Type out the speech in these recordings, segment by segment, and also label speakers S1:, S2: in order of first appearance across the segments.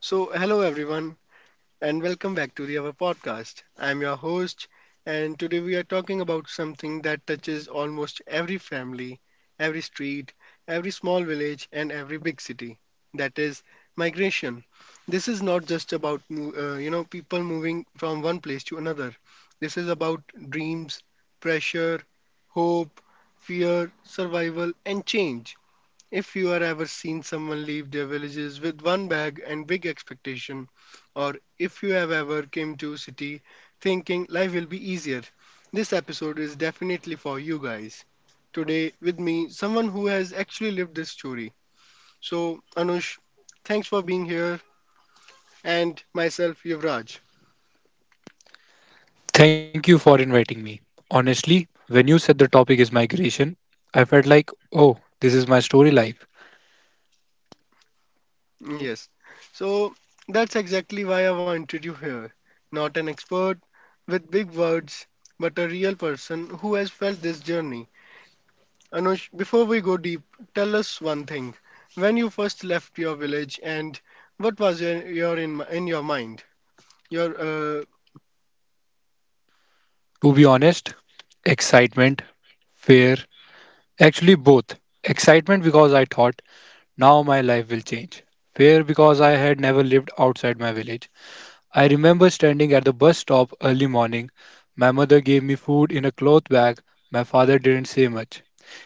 S1: So, hello everyone, and welcome back to the our podcast. I'm your host, and today we are talking about something that touches almost every family, every street, every small village, and every big city. That is migration. This is not just about people moving from one place to another. This is about dreams, pressure, hope, fear, survival, and change. If you are ever seen someone leave their villages with one bag and big expectation, or if you have ever came to city thinking life will be easier, this episode is definitely for you guys. Today with me, someone who has actually lived this story. So Anush, thanks for being here, and myself Yuvraj.
S2: Thank you for inviting me. Honestly, when you said the topic is migration, I felt like, oh, this is my story life.
S1: Yes. So that's exactly why I wanted you here. Not an expert with big words, but a real person who has felt this journey. Anush, before we go deep, tell us one thing. When you first left your village, and what was your in your mind? Your
S2: To be honest, excitement, fear, actually both. Excitement because I thought now my life will change. Fear because I had never lived outside my village. I remember standing at the bus stop early morning. My mother gave me food in a cloth bag. My father didn't say much.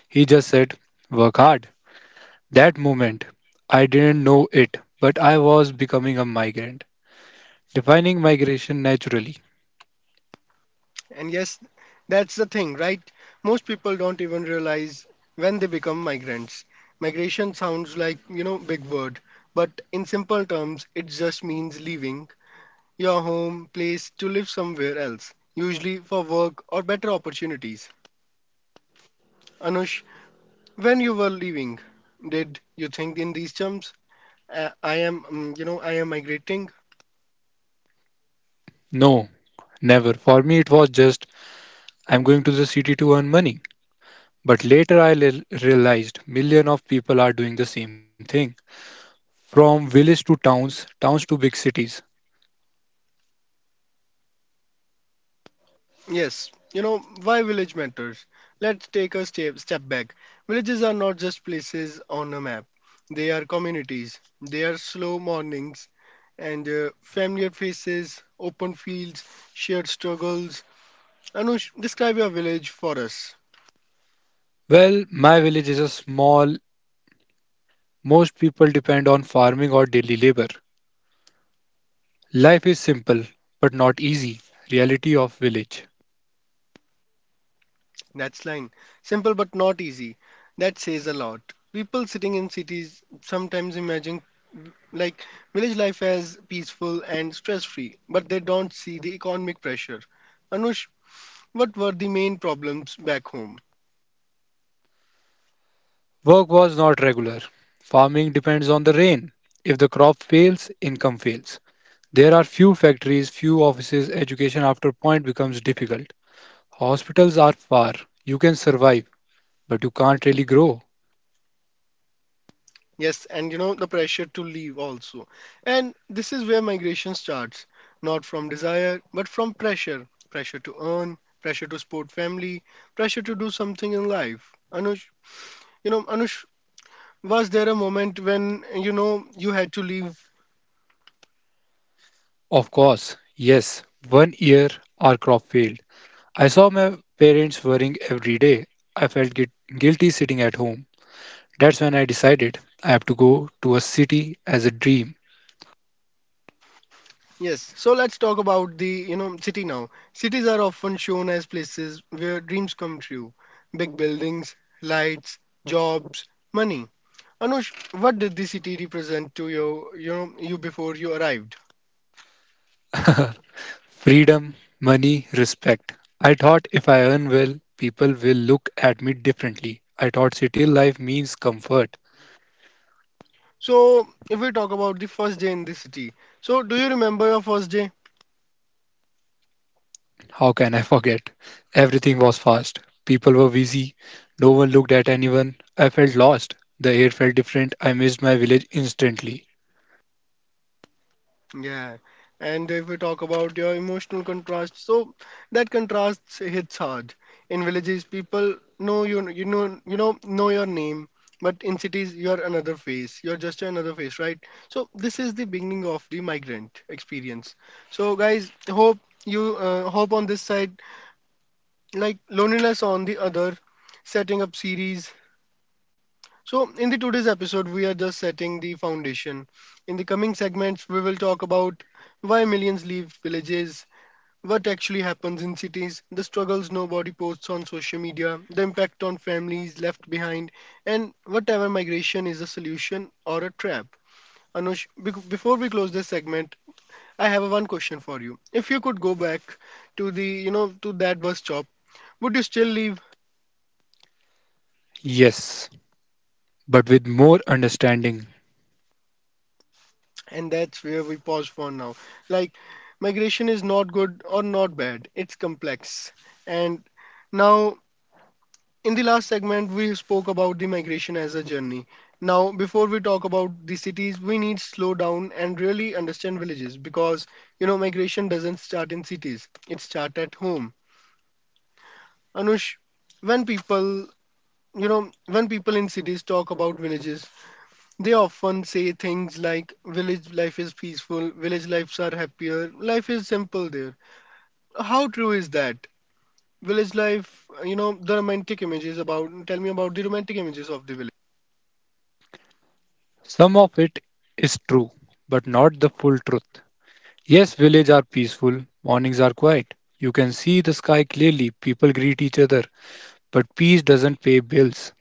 S2: He just said, work hard. That moment, I didn't know it, but I was becoming a migrant. Defining migration naturally.
S1: and yes, that's the thing, right? Most people don't even realize when they become migrants. Migration sounds like, big word, but in simple terms, it just means leaving your home place to live somewhere else, usually for work or better opportunities. Anush, when you were leaving, did you think in these terms? I am migrating.
S2: No, never. For me, it was just I'm going to the city to earn money. But later, I realized million of people are doing the same thing. From village to towns, towns to big cities.
S1: Yes, why village matters? Let's take a step back. Villages are not just places on a map, they are communities. They are slow mornings and familiar faces, open fields, shared struggles. Anush, describe your village for us.
S2: Well, my village is a small. Most people depend on farming or daily labor. Life is simple, but not easy. Reality of village.
S1: That's line. Simple but not easy. That says a lot. People sitting in cities sometimes imagine like village life as peaceful and stress free, but they don't see the economic pressure. Anush, what were the main problems back home?
S2: Work was not regular. Farming depends on the rain. If the crop fails, income fails. There are few factories, few offices, education after point becomes difficult. Hospitals are far. You can survive, but you can't really grow.
S1: Yes, and you know the pressure to leave also. And this is where migration starts, not from desire, but from pressure. Pressure to earn, pressure to support family, pressure to do something in life. Anush, Anush, was there a moment when you know you had to leave?
S2: Of course, yes, one year our crop failed. I saw my parents worrying every day. I felt guilty sitting at home. That's when I decided I have to go to a city as a dream.
S1: Yes, so let's talk about the city now. Cities are often shown as places where dreams come true: big buildings, lights, jobs, money. Anush, what did the city represent to you before you arrived?
S2: Freedom, money, respect. I thought if I earn well, people will look at me differently. I thought city life means comfort.
S1: So if we talk about the first day in the city, so do you remember your first day?
S2: How can I forget? Everything was fast. People were busy. No one looked at anyone. I felt lost. The air felt different. I missed my village instantly.
S1: Yeah, and if we talk about your emotional contrast, so that contrast hits hard. In villages, people know you, know your name, but in cities, you're another face. You're just another face, right? So this is the beginning of the migrant experience. So guys, hope on this side, like loneliness on the other, setting up series. So, in the today's episode, we are just setting the foundation. In the coming segments, we will talk about why millions leave villages, what actually happens in cities, the struggles nobody posts on social media, the impact on families left behind, and whatever migration is a solution or a trap. Anush, before we close this segment, I have a one question for you. If you could go back to that bus stop, would you still leave?
S2: Yes, but with more understanding.
S1: And that's where we pause for now. Like, migration is not good or not bad, it's complex. And now, in the last segment, we spoke about the migration as a journey. Now, before we talk about the cities, we need slow down and really understand villages because, migration doesn't start in cities, it starts at home. Anush, when people, when people in cities talk about villages, they often say things like village life is peaceful, village lives are happier, life is simple there. How true is that? Village life, you know, the romantic images about, Tell me about the romantic images of the village.
S2: Some of it is true, but not the full truth. Yes, villages are peaceful. Mornings are quiet. You can see the sky clearly. People greet each other. But peace doesn't pay bills.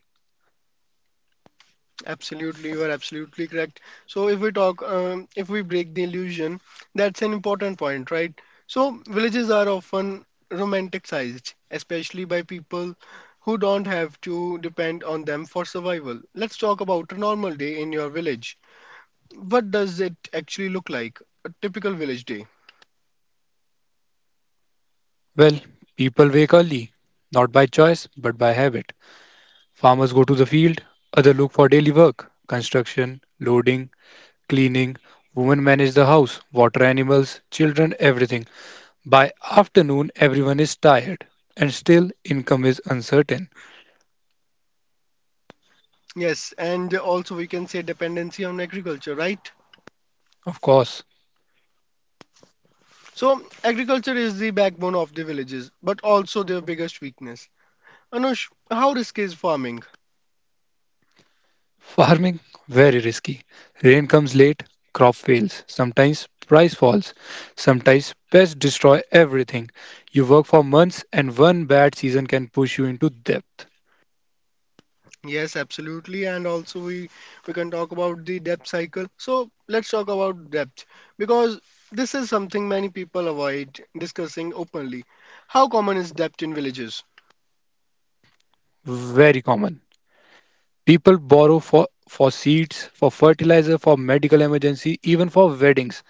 S1: Absolutely, you are absolutely correct. So if we break the illusion, that's an important point, right? So villages are often romanticized, especially by people who don't have to depend on them for survival. Let's talk about a normal day in your village. What does it actually look like? A typical village day.
S2: Well, people wake early, not by choice, but by habit. Farmers go to the field, others look for daily work construction, loading, cleaning. Women manage the house, water animals, children, everything. By afternoon, everyone is tired, and still income is uncertain.
S1: Yes, and also we can say dependency on agriculture, right?
S2: Of course,
S1: So, agriculture is the backbone of the villages, but also their biggest weakness. Anush, how risky is farming?
S2: farming very risky. Rain comes late, crop fails, sometimes price falls, sometimes pests destroy everything. You work for months and one bad season can push you into debt.
S1: Yes, absolutely, and also we can talk about the debt cycle. So, let's talk about debt because this is something many people avoid discussing openly. How common is debt in villages?
S2: Very common. People borrow for seeds, for fertilizer, for medical emergency, even for weddings.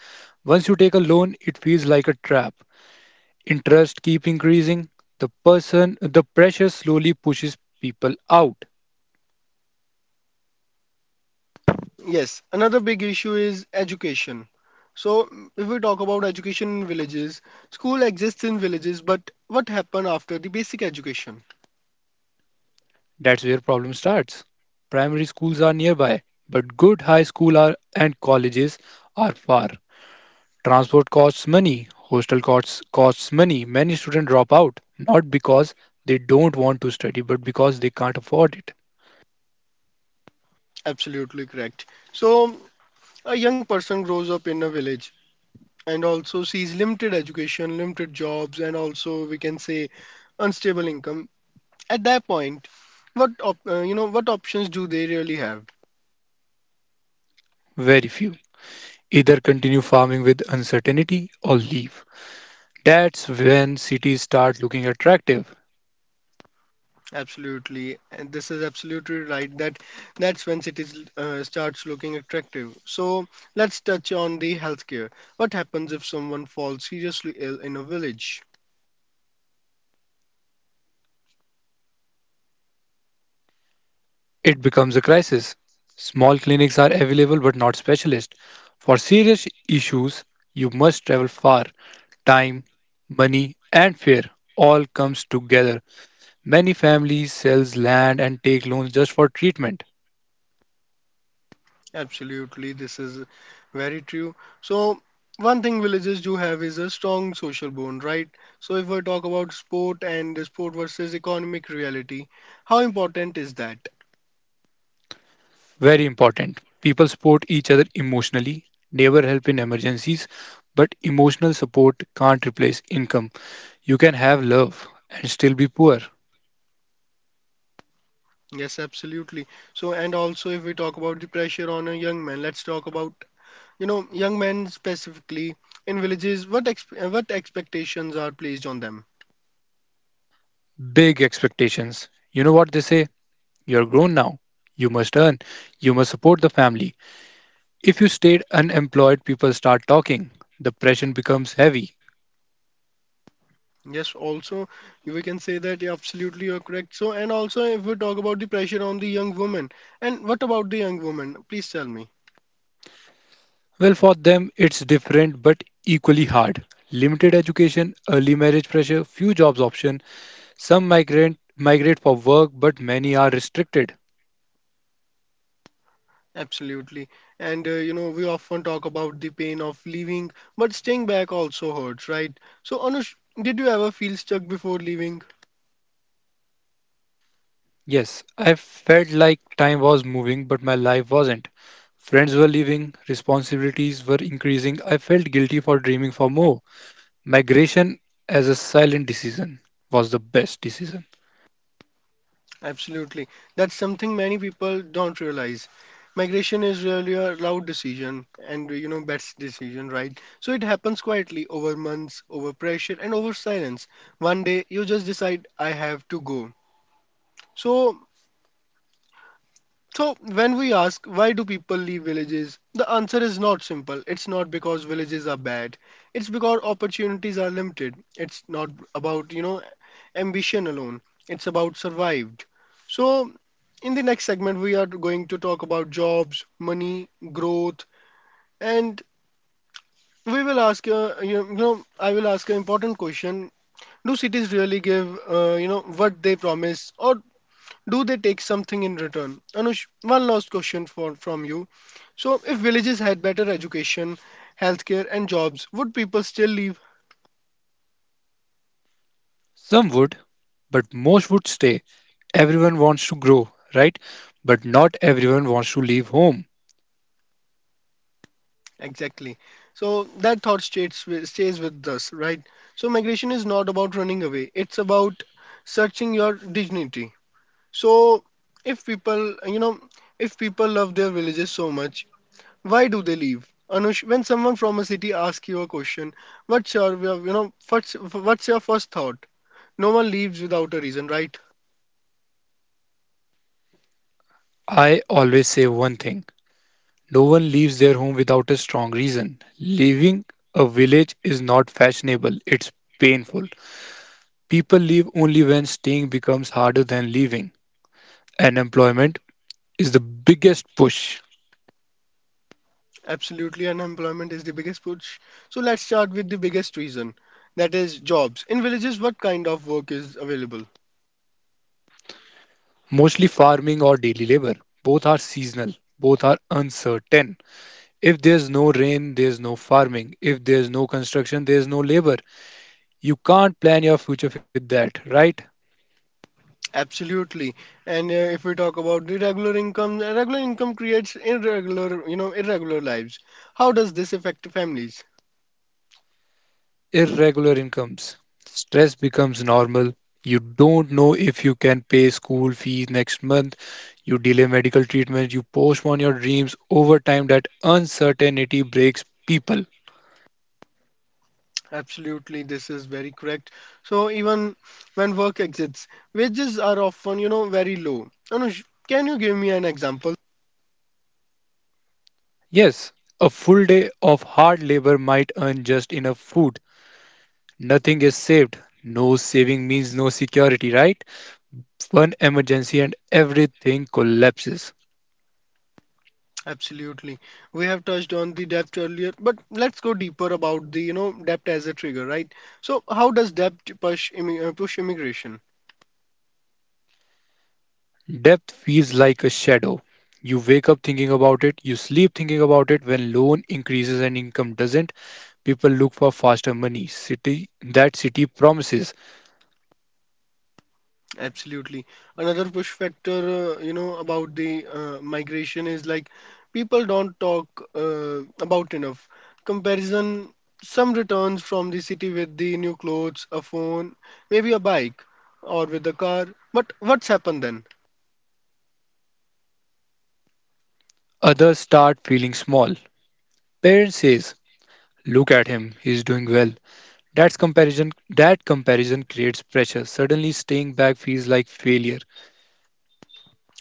S2: Once you take a loan, it feels like a trap. Interest keep increasing. The person the pressure slowly pushes people out.
S1: Yes, another big issue is education. So, if we talk about education in villages, school exists in villages, but what happened after the basic education?
S2: That's where problem starts. Primary schools are nearby, but good high school are, and colleges are far. Transport costs money, hostel costs money. Many students drop out not because they don't want to study but because they can't afford it.
S1: Absolutely correct. So, a young person grows up in a village and also sees limited education, limited jobs, and also we can say unstable income. At that point, what op- you know, what options do they really have?
S2: Very few either continue farming with uncertainty or leave. That's when cities start looking attractive.
S1: Absolutely, and this is absolutely right that that's when cities starts looking attractive. So let's touch on the healthcare. What happens if someone falls seriously ill in a village?
S2: It becomes a crisis. Small clinics are available but not specialist. For serious issues, you must travel far. Time, money and fear all comes together. Many families sells land and take loans just for treatment.
S1: Absolutely, this is very true. So one thing villages do have is a strong social bond, right? So if we talk about sport and the sport versus economic reality, how important is that?
S2: Very important. People support each other emotionally, neighbor help in emergencies, but emotional support can't replace income. You can have love and still be poor.
S1: Yes, absolutely. So, and also if we talk about the pressure on a young man, let's talk about young men specifically in villages. What expectations are placed on them?
S2: Big expectations. You know what they say? You're grown now. You must earn. You must support the family. If you stayed unemployed, people start talking. The pressure becomes heavy.
S1: Yes, also we can say that. Yeah, absolutely you're correct. So, and also if we talk about the pressure on the young woman, and what about the young woman, please tell me.
S2: Well, for them, it's different but equally hard. Limited education, early marriage pressure, few jobs option. Some migrant migrate for work, but many are restricted.
S1: Absolutely. And we often talk about the pain of leaving, but staying back also hurts, right? So Anush, did you ever feel stuck before leaving?
S2: Yes, I felt like time was moving, but my life wasn't. Friends were leaving, responsibilities were increasing. I felt guilty for dreaming for more. Migration as a silent decision was the best decision.
S1: Absolutely. That's something many people don't realize. Migration is really a loud decision and best decision, right? So it happens quietly over months, over pressure and over silence. One day you just decide I have to go. So so, when we ask why do people leave villages, the answer is not simple. It's not because villages are bad. It's because opportunities are limited. It's not about, ambition alone. It's about survived. So, in the next segment we are going to talk about jobs, money, growth, and we will ask you know I will ask an important question. Do cities really give what they promise or do they take something in return? Anush, one last question for from you. So, if villages had better education, healthcare, and jobs, would people still leave?
S2: Some would, but most would stay. Everyone wants to grow, right? But not everyone wants to leave home.
S1: Exactly. So that thought stays with us, right? So migration is not about running away; it's about searching your dignity. So, if people, you know, if people love their villages so much, why do they leave? Anush, when someone from a city asks you a question, what's your, you know, what's your first thought? No one leaves without a reason, right?
S2: I always say one thing no one leaves their home without a strong reason. Leaving a village is not fashionable, it's painful. People leave only when staying becomes harder than leaving. And employment is the biggest push,
S1: Absolutely, unemployment is the biggest push. So let's start with the biggest reason. That is jobs. In villages, what kind of work is available?
S2: mostly farming or daily labor. Both are seasonal, both are uncertain. If there's no rain, there's no farming. If there's no construction, there's no labor. You can't plan your future with that, right?
S1: Absolutely. And if we talk about the regular income creates irregular lives. How does this affect families?
S2: Irregular incomes. Stress becomes normal. You don't know if you can pay school fees next month. You delay medical treatment. You postpone your dreams. Over time, that uncertainty breaks people.
S1: Absolutely, this is very correct. So even when work exists, wages are often, very low. Anush, can you give me an example?
S2: Yes, a full day of hard labor might earn just enough food. Nothing is saved. No saving means no security, right? One emergency and everything collapses.
S1: Absolutely. We have touched on the depth earlier, but let's go deeper about the depth as a trigger, right? So how does depth push immigration?
S2: Depth feels like a shadow. You wake up thinking about it, you sleep thinking about it. When loan increases and income doesn't, people look for faster money. City that city promises.
S1: Absolutely. Another push factor, about the migration is like people don't talk about enough. Comparison, some returns from the city with the new clothes, a phone, maybe a bike, or with a car. But what's happened then?
S2: Others start feeling small. Parent says, "Look at him, he's doing well." That's comparison. That comparison creates pressure. Suddenly, staying back feels like failure.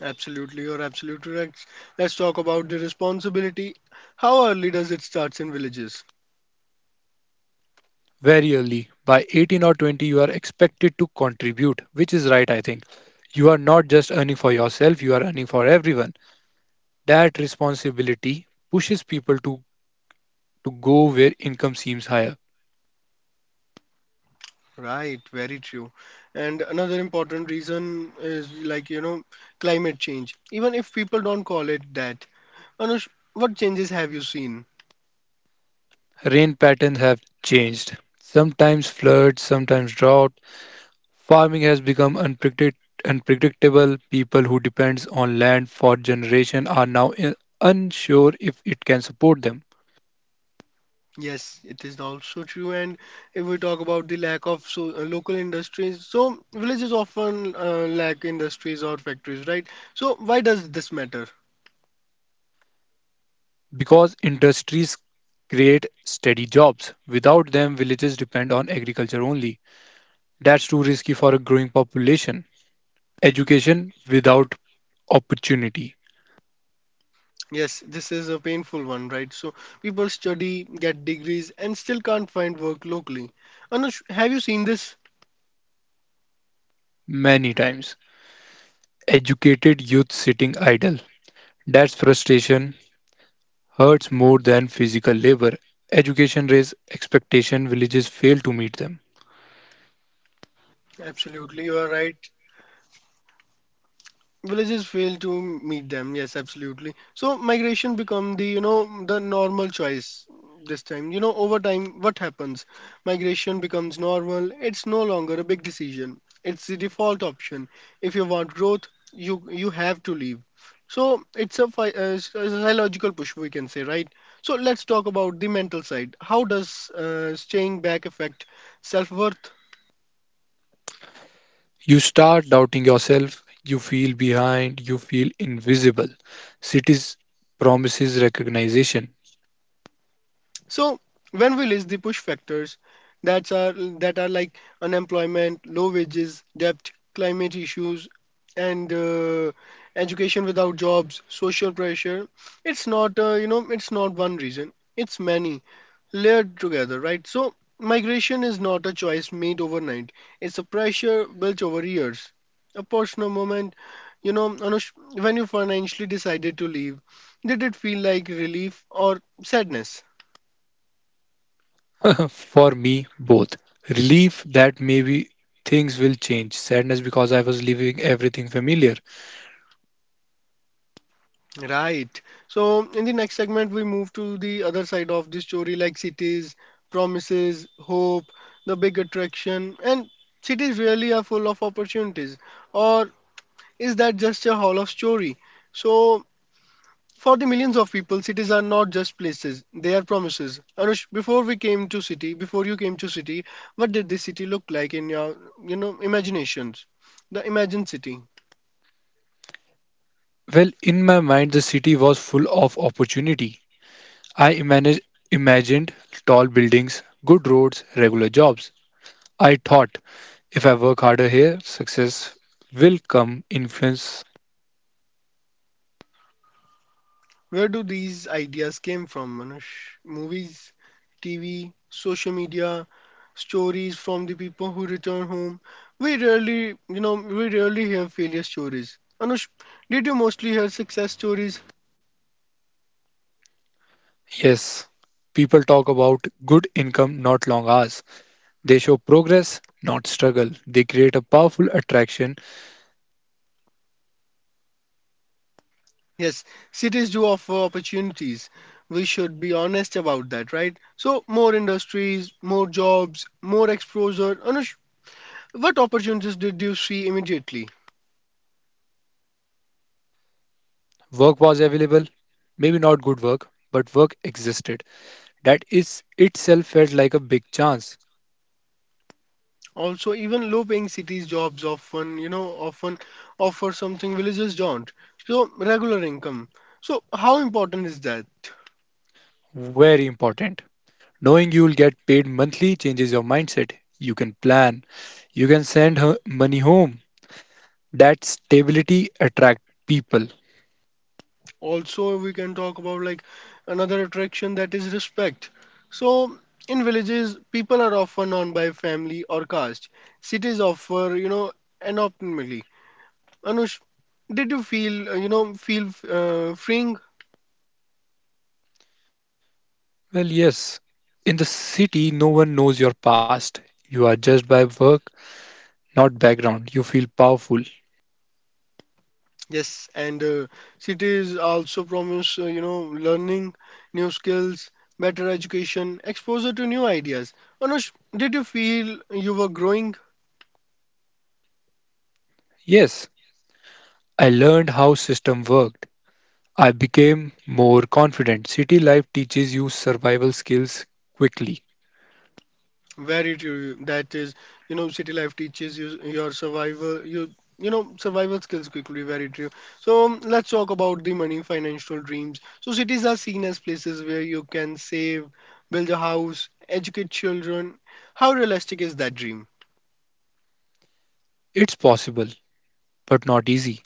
S1: Absolutely, you're absolutely right. Let's talk about the responsibility. How early does it starts in villages?
S2: Very early, by 18 or 20, you are expected to contribute, which is right, I think. You are not just earning for yourself, you are earning for everyone. That responsibility pushes people to go where income seems higher.
S1: Right, very true. And another important reason is like, climate change. Even if people don't call it that, Anush, what changes have you seen?
S2: Rain patterns have changed. Sometimes floods, sometimes drought. Farming has become unpredictable. People who depend on land for generation are now unsure if it can support them.
S1: Yes, it is also true. And if we talk about the lack of local industries, so villages often lack industries or factories, right? So why does this matter?
S2: Because industries create steady jobs. Without them, villages depend on agriculture only. That's too risky for a growing population. Education without opportunity.
S1: Yes, this is a painful one, right? So people study, get degrees, and still can't find work locally. Anush, have you seen this?
S2: Many times. Educated youth sitting idle. That's frustration hurts more than physical labor. Education raises expectation, villages fail to meet them.
S1: Absolutely, you are right. Villages fail to meet them, yes, absolutely. So migration become the you know the normal choice this time. Over time, what happens, migration becomes normal. It's no longer a big decision. It's the default option. If you want growth, you have to leave. So it's a psychological push, we can say, right? So let's talk about the mental side. How does staying back affect self-worth?
S2: You start doubting yourself, you feel behind, you feel invisible. Cities promises recognition.
S1: So when we list the push factors that's are that are like unemployment, low wages, debt, climate issues, and education without jobs, social pressure. It's not one reason. It's many layered together, right? So migration is not a choice made overnight. It's a pressure built over years. A personal moment, Anush, when you financially decided to leave, did it feel like relief or sadness?
S2: For me, both. Relief that maybe things will change, sadness because I was leaving everything familiar.
S1: Right. So in the next segment, we move to the other side of the story, like cities, promises, hope, the big attraction, and cities really are full of opportunities. Or is that just a hall of story? So for the millions of people, cities are not just places; they are promises. Anush, before you came to city, what did this city look like in your imaginations? The imagined city.
S2: Well, in my mind, the city was full of opportunity. I imagined tall buildings, good roads, regular jobs. I thought if I work harder here, success will come. Influence,
S1: Where do these ideas came from, Manush? Movies, TV, social media, stories from the people who return home. We rarely hear failure stories. Anush, did you mostly hear success stories?
S2: yes. People talk about good income, not long hours. They show progress, not struggle. They create a powerful attraction.
S1: Yes, cities do offer opportunities. We should be honest about that, right? So, more industries, more jobs, more exposure. Anush, what opportunities did you see immediately?
S2: Work was available, maybe not good work, but work existed. That is itself felt like a big chance.
S1: Also, even low-paying cities jobs often offer something villages don't. So, regular income. So, how important is that?
S2: Very important. Knowing you'll get paid monthly changes your mindset. You can plan. You can send her money home. That stability attract people.
S1: Also, we can talk about like another attraction that is respect. So, in villages, people are often known by family or caste. Cities offer anonymity. Anush, did you feel freeing?
S2: Well, yes. In the city, no one knows your past. You are judged by work, not background. You feel powerful.
S1: Yes, and cities also promise, learning new skills, better education, exposure to new ideas. Anush, did you feel you were growing?
S2: Yes, I learned how system worked. I became more confident. City life teaches you survival skills quickly.
S1: Very true. That is city life teaches you your survival, you know, survival skills quickly. Very true. So let's talk about the money, financial dreams. So cities are seen as places where you can save, build a house, educate children. How realistic is that dream?
S2: It's possible, but not easy.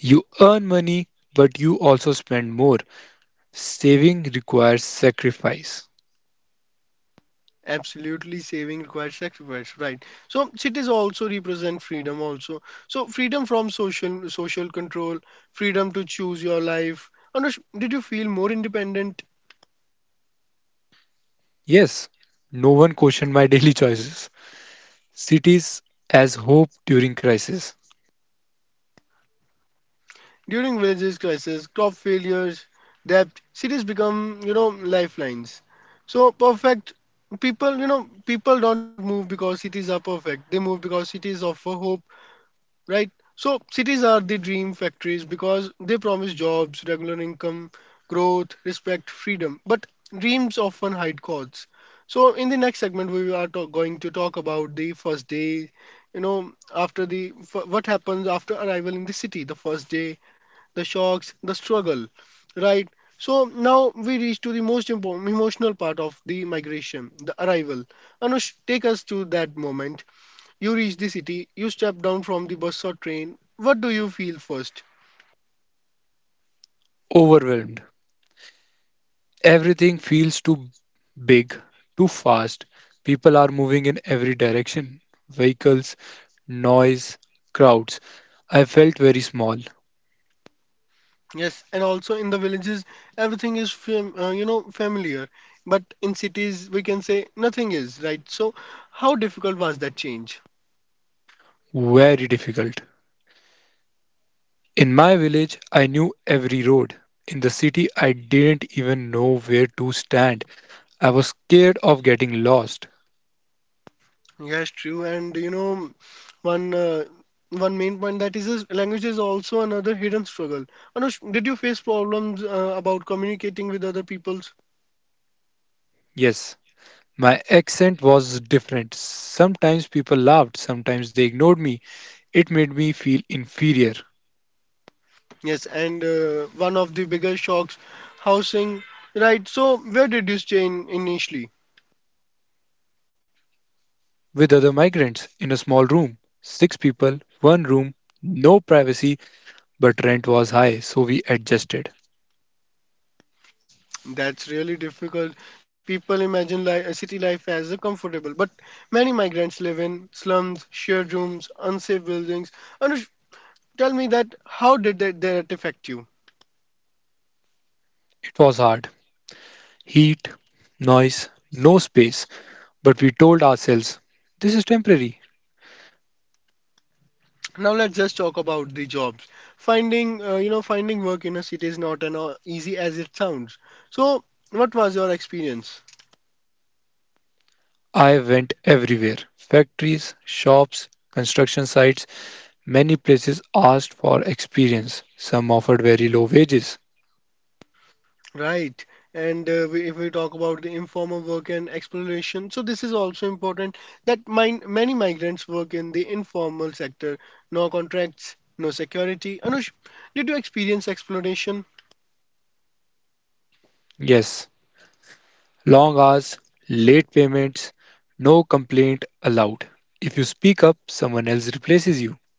S2: You earn money, but you also spend more. Saving requires sacrifice.
S1: Absolutely, saving requires sacrifice, right? So cities also represent freedom, also. So freedom from social control, freedom to choose your life. Anush, did you feel more independent
S2: Yes, no one questioned my daily choices. Cities as hope during crisis.
S1: during villages crisis, crop failures, debt? Cities become lifelines. So perfect people, you know, people don't move because cities are perfect. They move because cities offer hope, right? So cities are the dream factories because they promise jobs, regular income, growth, respect, freedom. But dreams often hide costs. So in the next segment, we are going to talk about the first day. What happens after arrival in the city, the first day, the shocks, the struggle, right? So now we reach to the most important emotional part of the migration, the arrival. Anush, take us to that moment. You reach the city, you step down from the bus or train. What do you feel first?
S2: Overwhelmed. Everything feels too big, too fast. People are moving in every direction vehicles, noise, crowds. I felt very small,
S1: Yes, and also in the villages, everything is familiar, but in cities we can say nothing is, right? So, how difficult was that change?
S2: very difficult. In my village, I knew every road. In the city, I didn't even know where to stand. I was scared of getting lost.
S1: Yes, true, and one uh, one main point that is language is also another hidden struggle. Anush, did you face problems about communicating with other peoples?
S2: Yes, my accent was different. Sometimes people laughed, sometimes they ignored me. It made me feel inferior.
S1: Yes, and one of the biggest shocks, housing. Right, so where did you stay in initially?
S2: With other migrants in a small room. Six people, one room, no privacy, but rent was high, so we adjusted.
S1: That's really difficult. People imagine a city life as a comfortable, but many migrants live in slums, shared rooms, unsafe buildings. Anush, tell me that how did that affect you?
S2: It was hard. Heat, noise, no space, but we told ourselves, this is temporary.
S1: Now let's just talk about the jobs. Finding work in a city is not easy as it sounds. So, what was your experience?
S2: I went everywhere factories, shops, construction sites. Many places asked for experience. Some offered very low wages.
S1: Right. And if we talk about the informal work and exploration, so this is also important that many migrants work in the informal sector. No contracts, no security. Anush, did you experience exploration?
S2: Yes, long hours, late payments, no complaint allowed. If you speak up, someone else replaces you.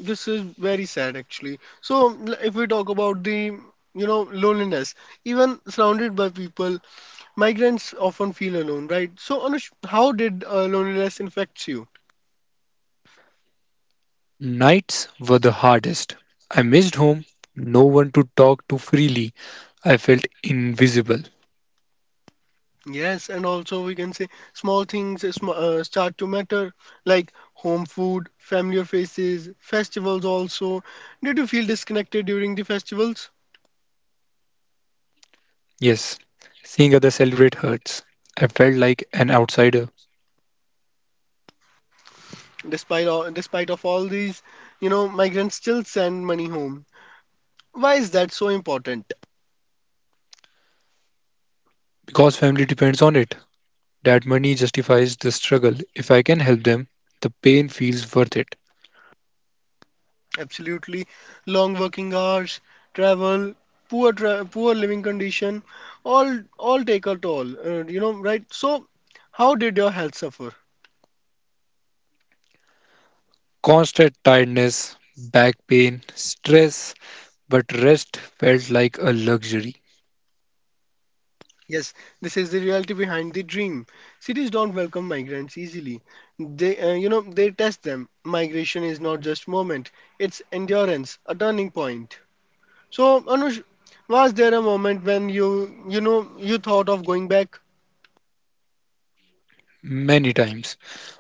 S1: This is very sad actually. So if we talk about the loneliness, even surrounded by people, migrants often feel alone, right? So Anush, how did loneliness infect you?
S2: Nights were the hardest. I missed home, no one to talk to freely. I felt invisible.
S1: Yes, and also we can say small things start to matter, like home food, familiar faces, festivals also. Did you feel disconnected during the festivals?
S2: Yes, seeing others celebrate hurts. I felt like an outsider
S1: Despite of all these, migrants still send money home. Why is that so important?
S2: because family depends on it. That money justifies the struggle. If I can help them, the pain feels worth it.
S1: Absolutely, long working hours, travel, poor poor living condition, all take a toll. Right? So, how did your health suffer?
S2: Constant tiredness, back pain, stress, but rest felt like a luxury
S1: Yes, this is the reality behind the dream. Cities don't welcome migrants easily. They test them. Migration is not just moment; it's endurance, a turning point. So, Anush, was there a moment when you thought of going back?
S2: many times.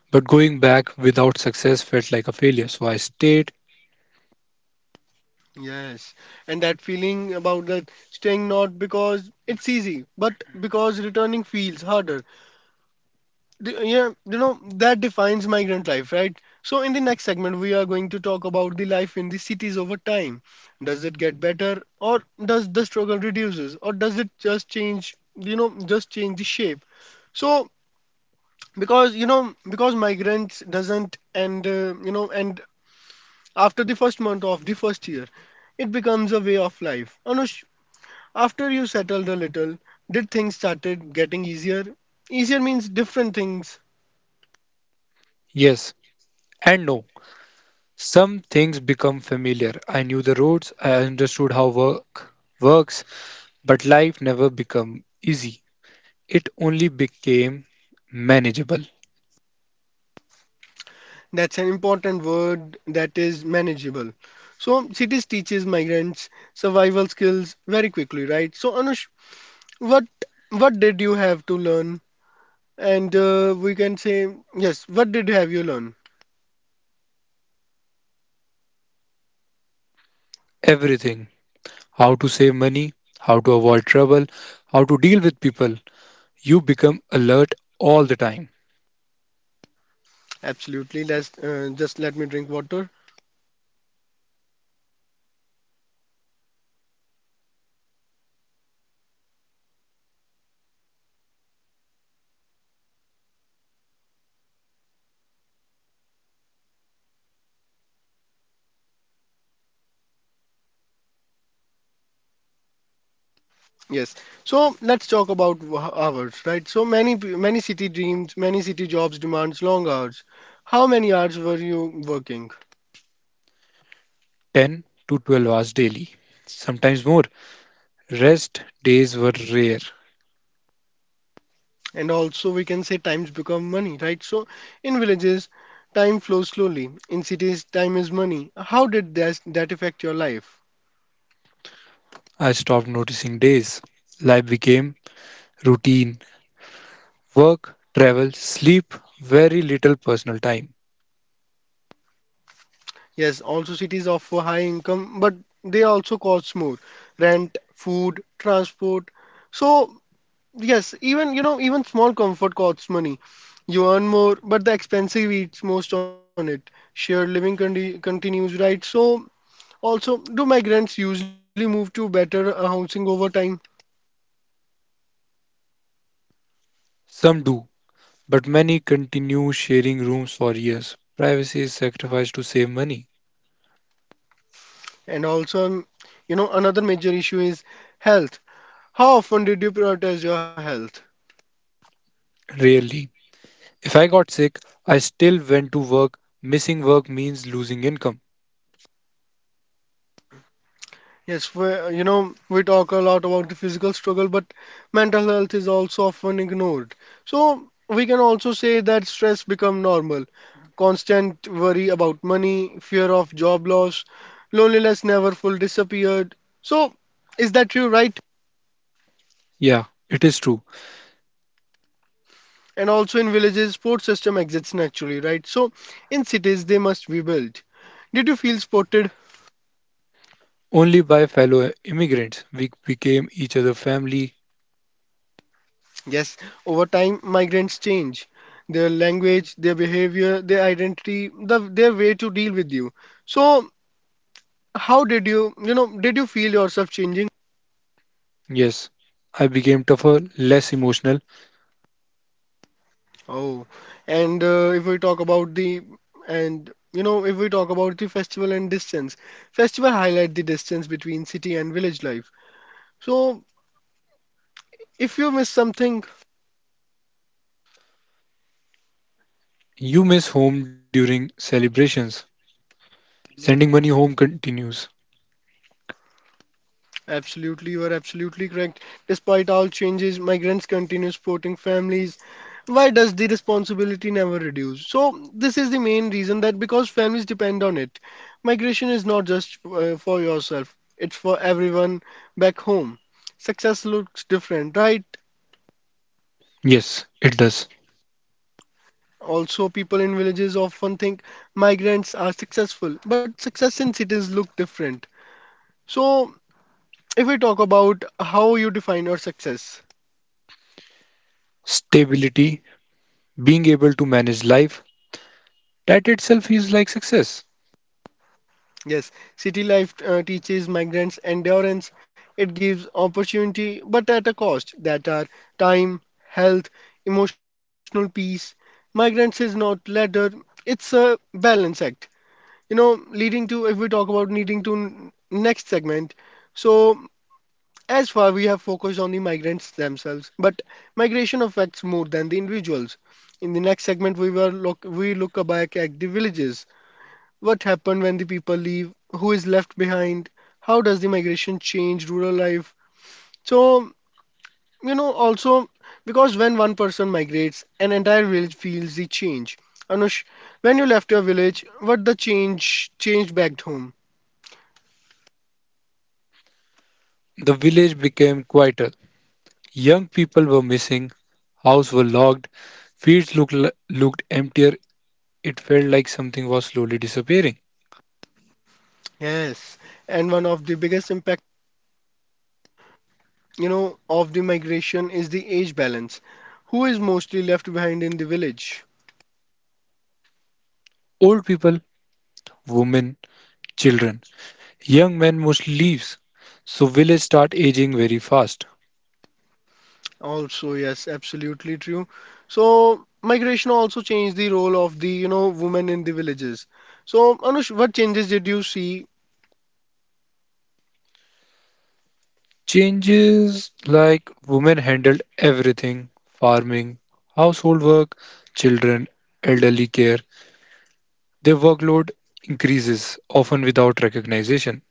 S2: But going back without success felt like a failure. So I stayed.
S1: Yes, and that feeling about that staying not because it's easy, but because returning feels harder. Yeah, that defines migrant life, right? So, in the next segment, we are going to talk about the life in the cities over time. Does it get better, or does the struggle reduces, or does it just change the shape? So, because migrants doesn't end, and after the first month of the first year, it becomes a way of life. Anush, after you settled a little, did things started getting easier? Easier means different things.
S2: Yes and no. Some things become familiar. I knew the roads, I understood how work works, but life never became easy. It only became manageable.
S1: That's an important word that is manageable. So cities teaches migrants survival skills very quickly, right? So Anush, what what did you have to learn? And we can say yes. What did have you learn?
S2: Everything. How to save money, how to avoid trouble, how to deal with people, you become alert all the time,
S1: Absolutely. Let's just let me drink water. Yes. So let's talk about hours, right? So many city dreams, many city jobs demands long hours. How many hours were you working?
S2: 10 to 12 hours daily, sometimes more. Rest days were rare.
S1: And also, we can say times become money, right? So, in villages, time flows slowly. In cities, time is money. How did that affect your life?
S2: I stopped noticing days. Life became routine work, travel, sleep, very little personal time.
S1: Yes, also cities offer high income, but they also cost more. Rent, food, transport. So, yes, even small comfort costs money. You earn more, but the expensive eats most on it. Shared living continues, right? So, also, do migrants usually move to better housing over time?
S2: Some do, but many continue sharing rooms for years. Privacy is sacrificed to save money.
S1: And also, another major issue is health. How often did you prioritize your health?
S2: Rarely. If I got sick, I still went to work. Missing work means losing income.
S1: Yes, we talk a lot about the physical struggle, but mental health is also often ignored. So we can also say that stress become normal. Constant worry about money, fear of job loss, loneliness never full disappeared. So is that true, right?
S2: Yeah, it is true.
S1: And also in villages, sports system exists naturally, right? So in cities, they must be built. Did you feel spotted?
S2: Only by fellow immigrants. We became each other family.
S1: Yes, over time, migrants change their language, their behavior, their identity, their way to deal with you. So, how did you feel yourself changing?
S2: Yes, I became tougher, less emotional.
S1: Oh, and if we talk about the, and you know, if we talk about the festival and distance, festival highlight the distance between city and village life. So, if you miss something.
S2: You miss home during celebrations. Sending money home continues.
S1: Absolutely, you are absolutely correct. Despite all changes, migrants continue supporting families. Why does the responsibility never reduce? So, this is the main reason that because families depend on it. Migration is not just for yourself, it's for everyone back home. Success looks different, right?
S2: Yes, it does.
S1: Also, people in villages often think migrants are successful, but success in cities look different. So, if we talk about how you define your success.
S2: Stability, being able to manage life, that itself is like success.
S1: Yes, city life teaches migrants endurance. It gives opportunity, but at a cost that are time, health, emotional peace. Migrants is not ladder; it's a balance act. Leading to if we talk about next segment. So as far we have focused on the migrants themselves, but migration affects more than the individuals. In the next segment, we will look we look back at the villages, what happened when the people leave? Who is left behind? How does the migration change rural life? So, also because when one person migrates, an entire village feels the change. Anush, when you left your village, what the change changed back home?
S2: The village became quieter. Young people were missing, houses were locked, fields looked emptier. It felt like something was slowly disappearing.
S1: Yes, and one of the biggest impact of the migration is the age balance. Who is mostly left behind in the village?
S2: Old people, women, children. Young men mostly leaves, so village start aging very fast.
S1: Also, yes, absolutely true. So, migration also changed the role of the women in the villages. So, Anush, what changes did you see?
S2: Changes like women handled everything farming, household work, children, elderly care. Their workload increases, often without recognition.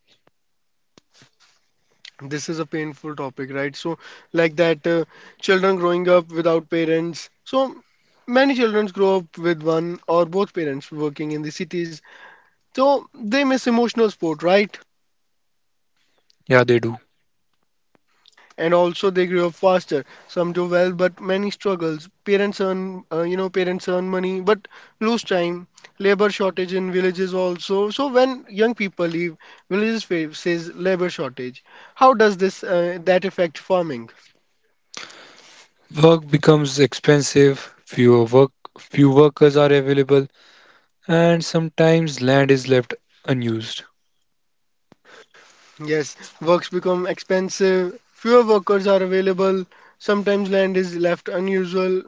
S1: This is a painful topic, right? So, like that, children growing up without parents. So, many children grow up with one or both parents working in the cities. So, they miss emotional support, right?
S2: Yeah, they do.
S1: And also they grew up faster. Some do well, but many struggles. Parents earn, parents earn money, but lose time. Labor shortage in villages also. So when young people leave, villages faces labor shortage. How does this that affect farming?
S2: Work becomes expensive, few workers are available, and sometimes land is left unused.
S1: Yes, works become expensive, fewer workers are available, sometimes land is left unusual,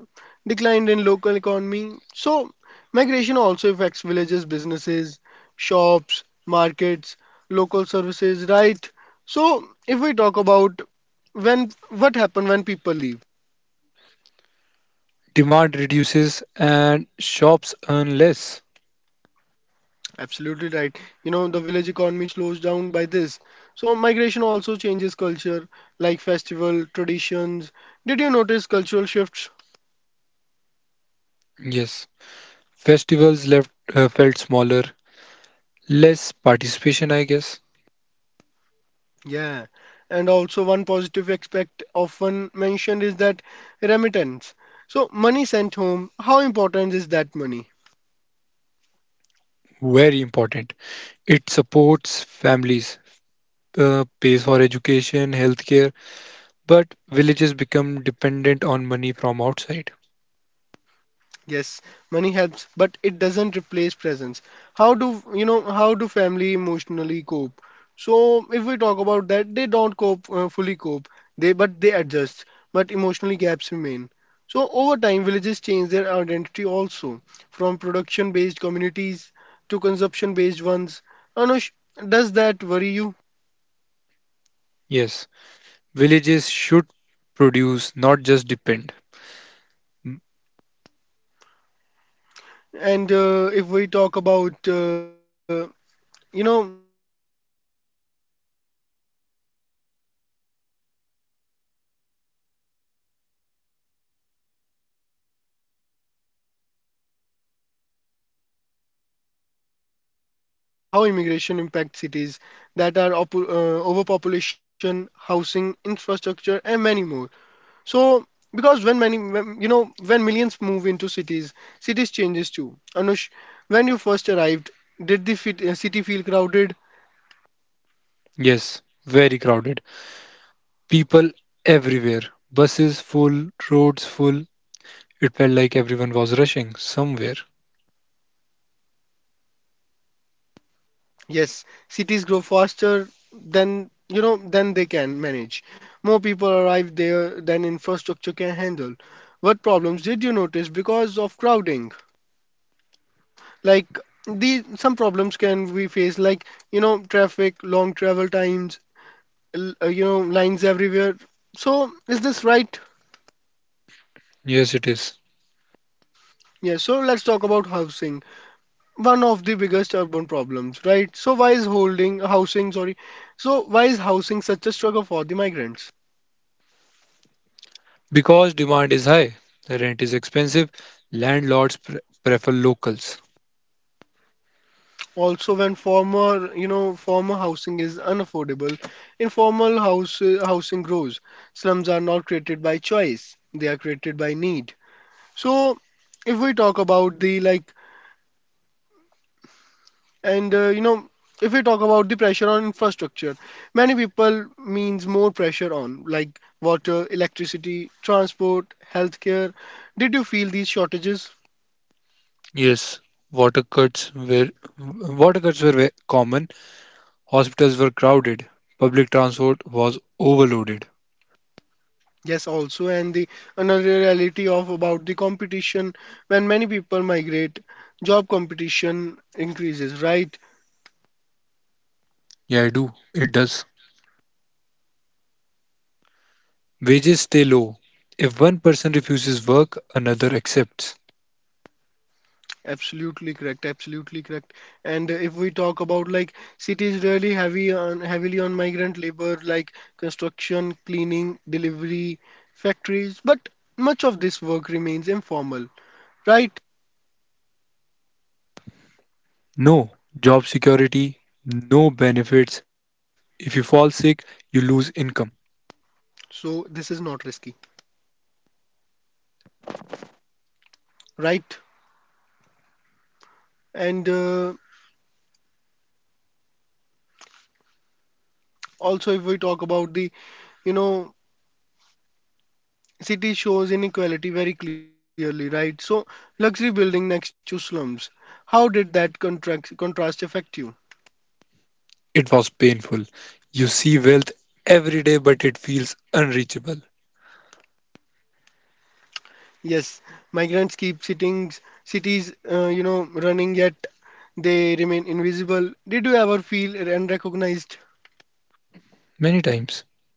S1: declined in local economy. So, migration also affects villages, businesses, shops, markets, local services, right? So, if we talk about when what happened when people leave,
S2: Demand reduces and shops earn less.
S1: absolutely right. You know, the village economy slows down by this. So, migration also changes culture, like festival, traditions. Did you notice cultural shifts?
S2: Yes. Festivals left felt smaller, less participation, I guess.
S1: Yeah, and also one positive aspect often mentioned is that remittance. So, money sent home, how important is that money?
S2: Very important. It supports families, pays for education, healthcare, but villages become dependent on money from outside.
S1: Yes, money helps, but it doesn't replace presence. How do family emotionally cope? So if we talk about that, they don't cope fully cope. They but they adjust, but emotionally gaps remain. So over time, villages change their identity also, from production-based communities to consumption-based ones. Anush, does that worry you?
S2: Yes, villages should produce, not just depend. Mm,
S1: And if we talk about you know So let's now Now let's look at the other side again. Cities don't just receive people; they absorb pressure, right? So in the next segment, we will talk about how immigration impacts cities that are overpopulation, housing, infrastructure, and many more. So because when many when, you know when millions move into cities, cities changes too. Anush, when you first arrived, did the city feel crowded?
S2: yes, very crowded. People everywhere, buses full, roads full. It felt like everyone was rushing somewhere.
S1: Yes, cities grow faster than you know than they can manage. More people arrive there than infrastructure can handle. What problems did you notice because of crowding? Like these, some problems can we face like you know traffic, long travel times, lines everywhere. So is this right?
S2: Yes, it is.
S1: Yeah. So let's talk about housing, one of the biggest urban problems, right? So why is holding housing? Sorry. So why is housing such a struggle for the migrants?
S2: Because demand is high, rent is expensive, landlords prefer locals.
S1: Also, when former housing is unaffordable, housing grows. Slums are not created by choice; they are created by need. So, if we talk about the like, and you know, if we talk about the pressure on infrastructure, many people means more pressure on like water, electricity, transport, healthcare. Did you feel these shortages?
S2: Yes, water cuts were water cuts were common. Hospitals were crowded. Public transport was overloaded.
S1: Yes, also, and the another reality of about the competition when many people migrate, job competition increases, right?
S2: Yeah, I do. It does. Wages stay low. If one person refuses work, another accepts.
S1: Absolutely correct, absolutely correct. And if we talk about like cities really heavy on heavily on migrant labor, like construction, cleaning, delivery, factories, but much of this work remains informal, right?
S2: No job security, no benefits. If you fall sick, you lose income.
S1: So this is not risky, right? And uh, if we talk about you know, city shows inequality very clearly, right? So, luxury building next to slums. How did that contrast affect you?
S2: It was painful. You see wealth every day, but it feels unreachable.
S1: Yes, migrants keep sittings, cities running yet they remain invisible. Did you ever feel unrecognized?
S2: Many times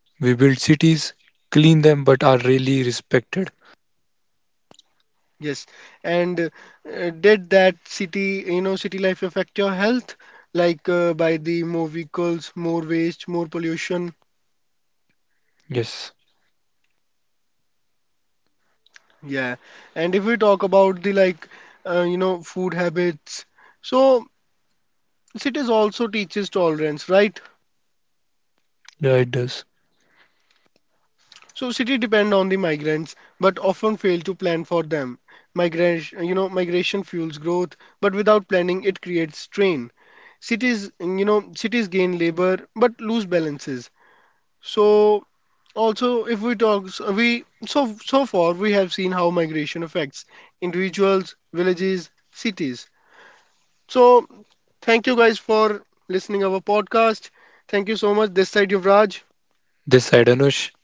S2: we build cities, clean them, but are rarely respected.
S1: Yes, and did that city life affect your health? Like by the more vehicles, more waste, more pollution.
S2: Yes,
S1: Yeah, and if we talk about the like, you know, food habits, so cities also teaches tolerance, right?
S2: yeah, it does.
S1: So city depend on the migrants, but often fail to plan for them. Migration fuels growth, but without planning, it creates strain. Cities gain labor but lose balances. So also, if we talk, so we so so far we have seen how migration affects individuals, villages, cities. So thank you guys for listening our podcast. Thank you so much. This side Yuvraj.
S2: This Adonis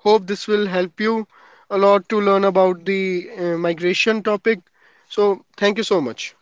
S1: Hope this will help you a lot to learn about the migration topic. So thank you so much.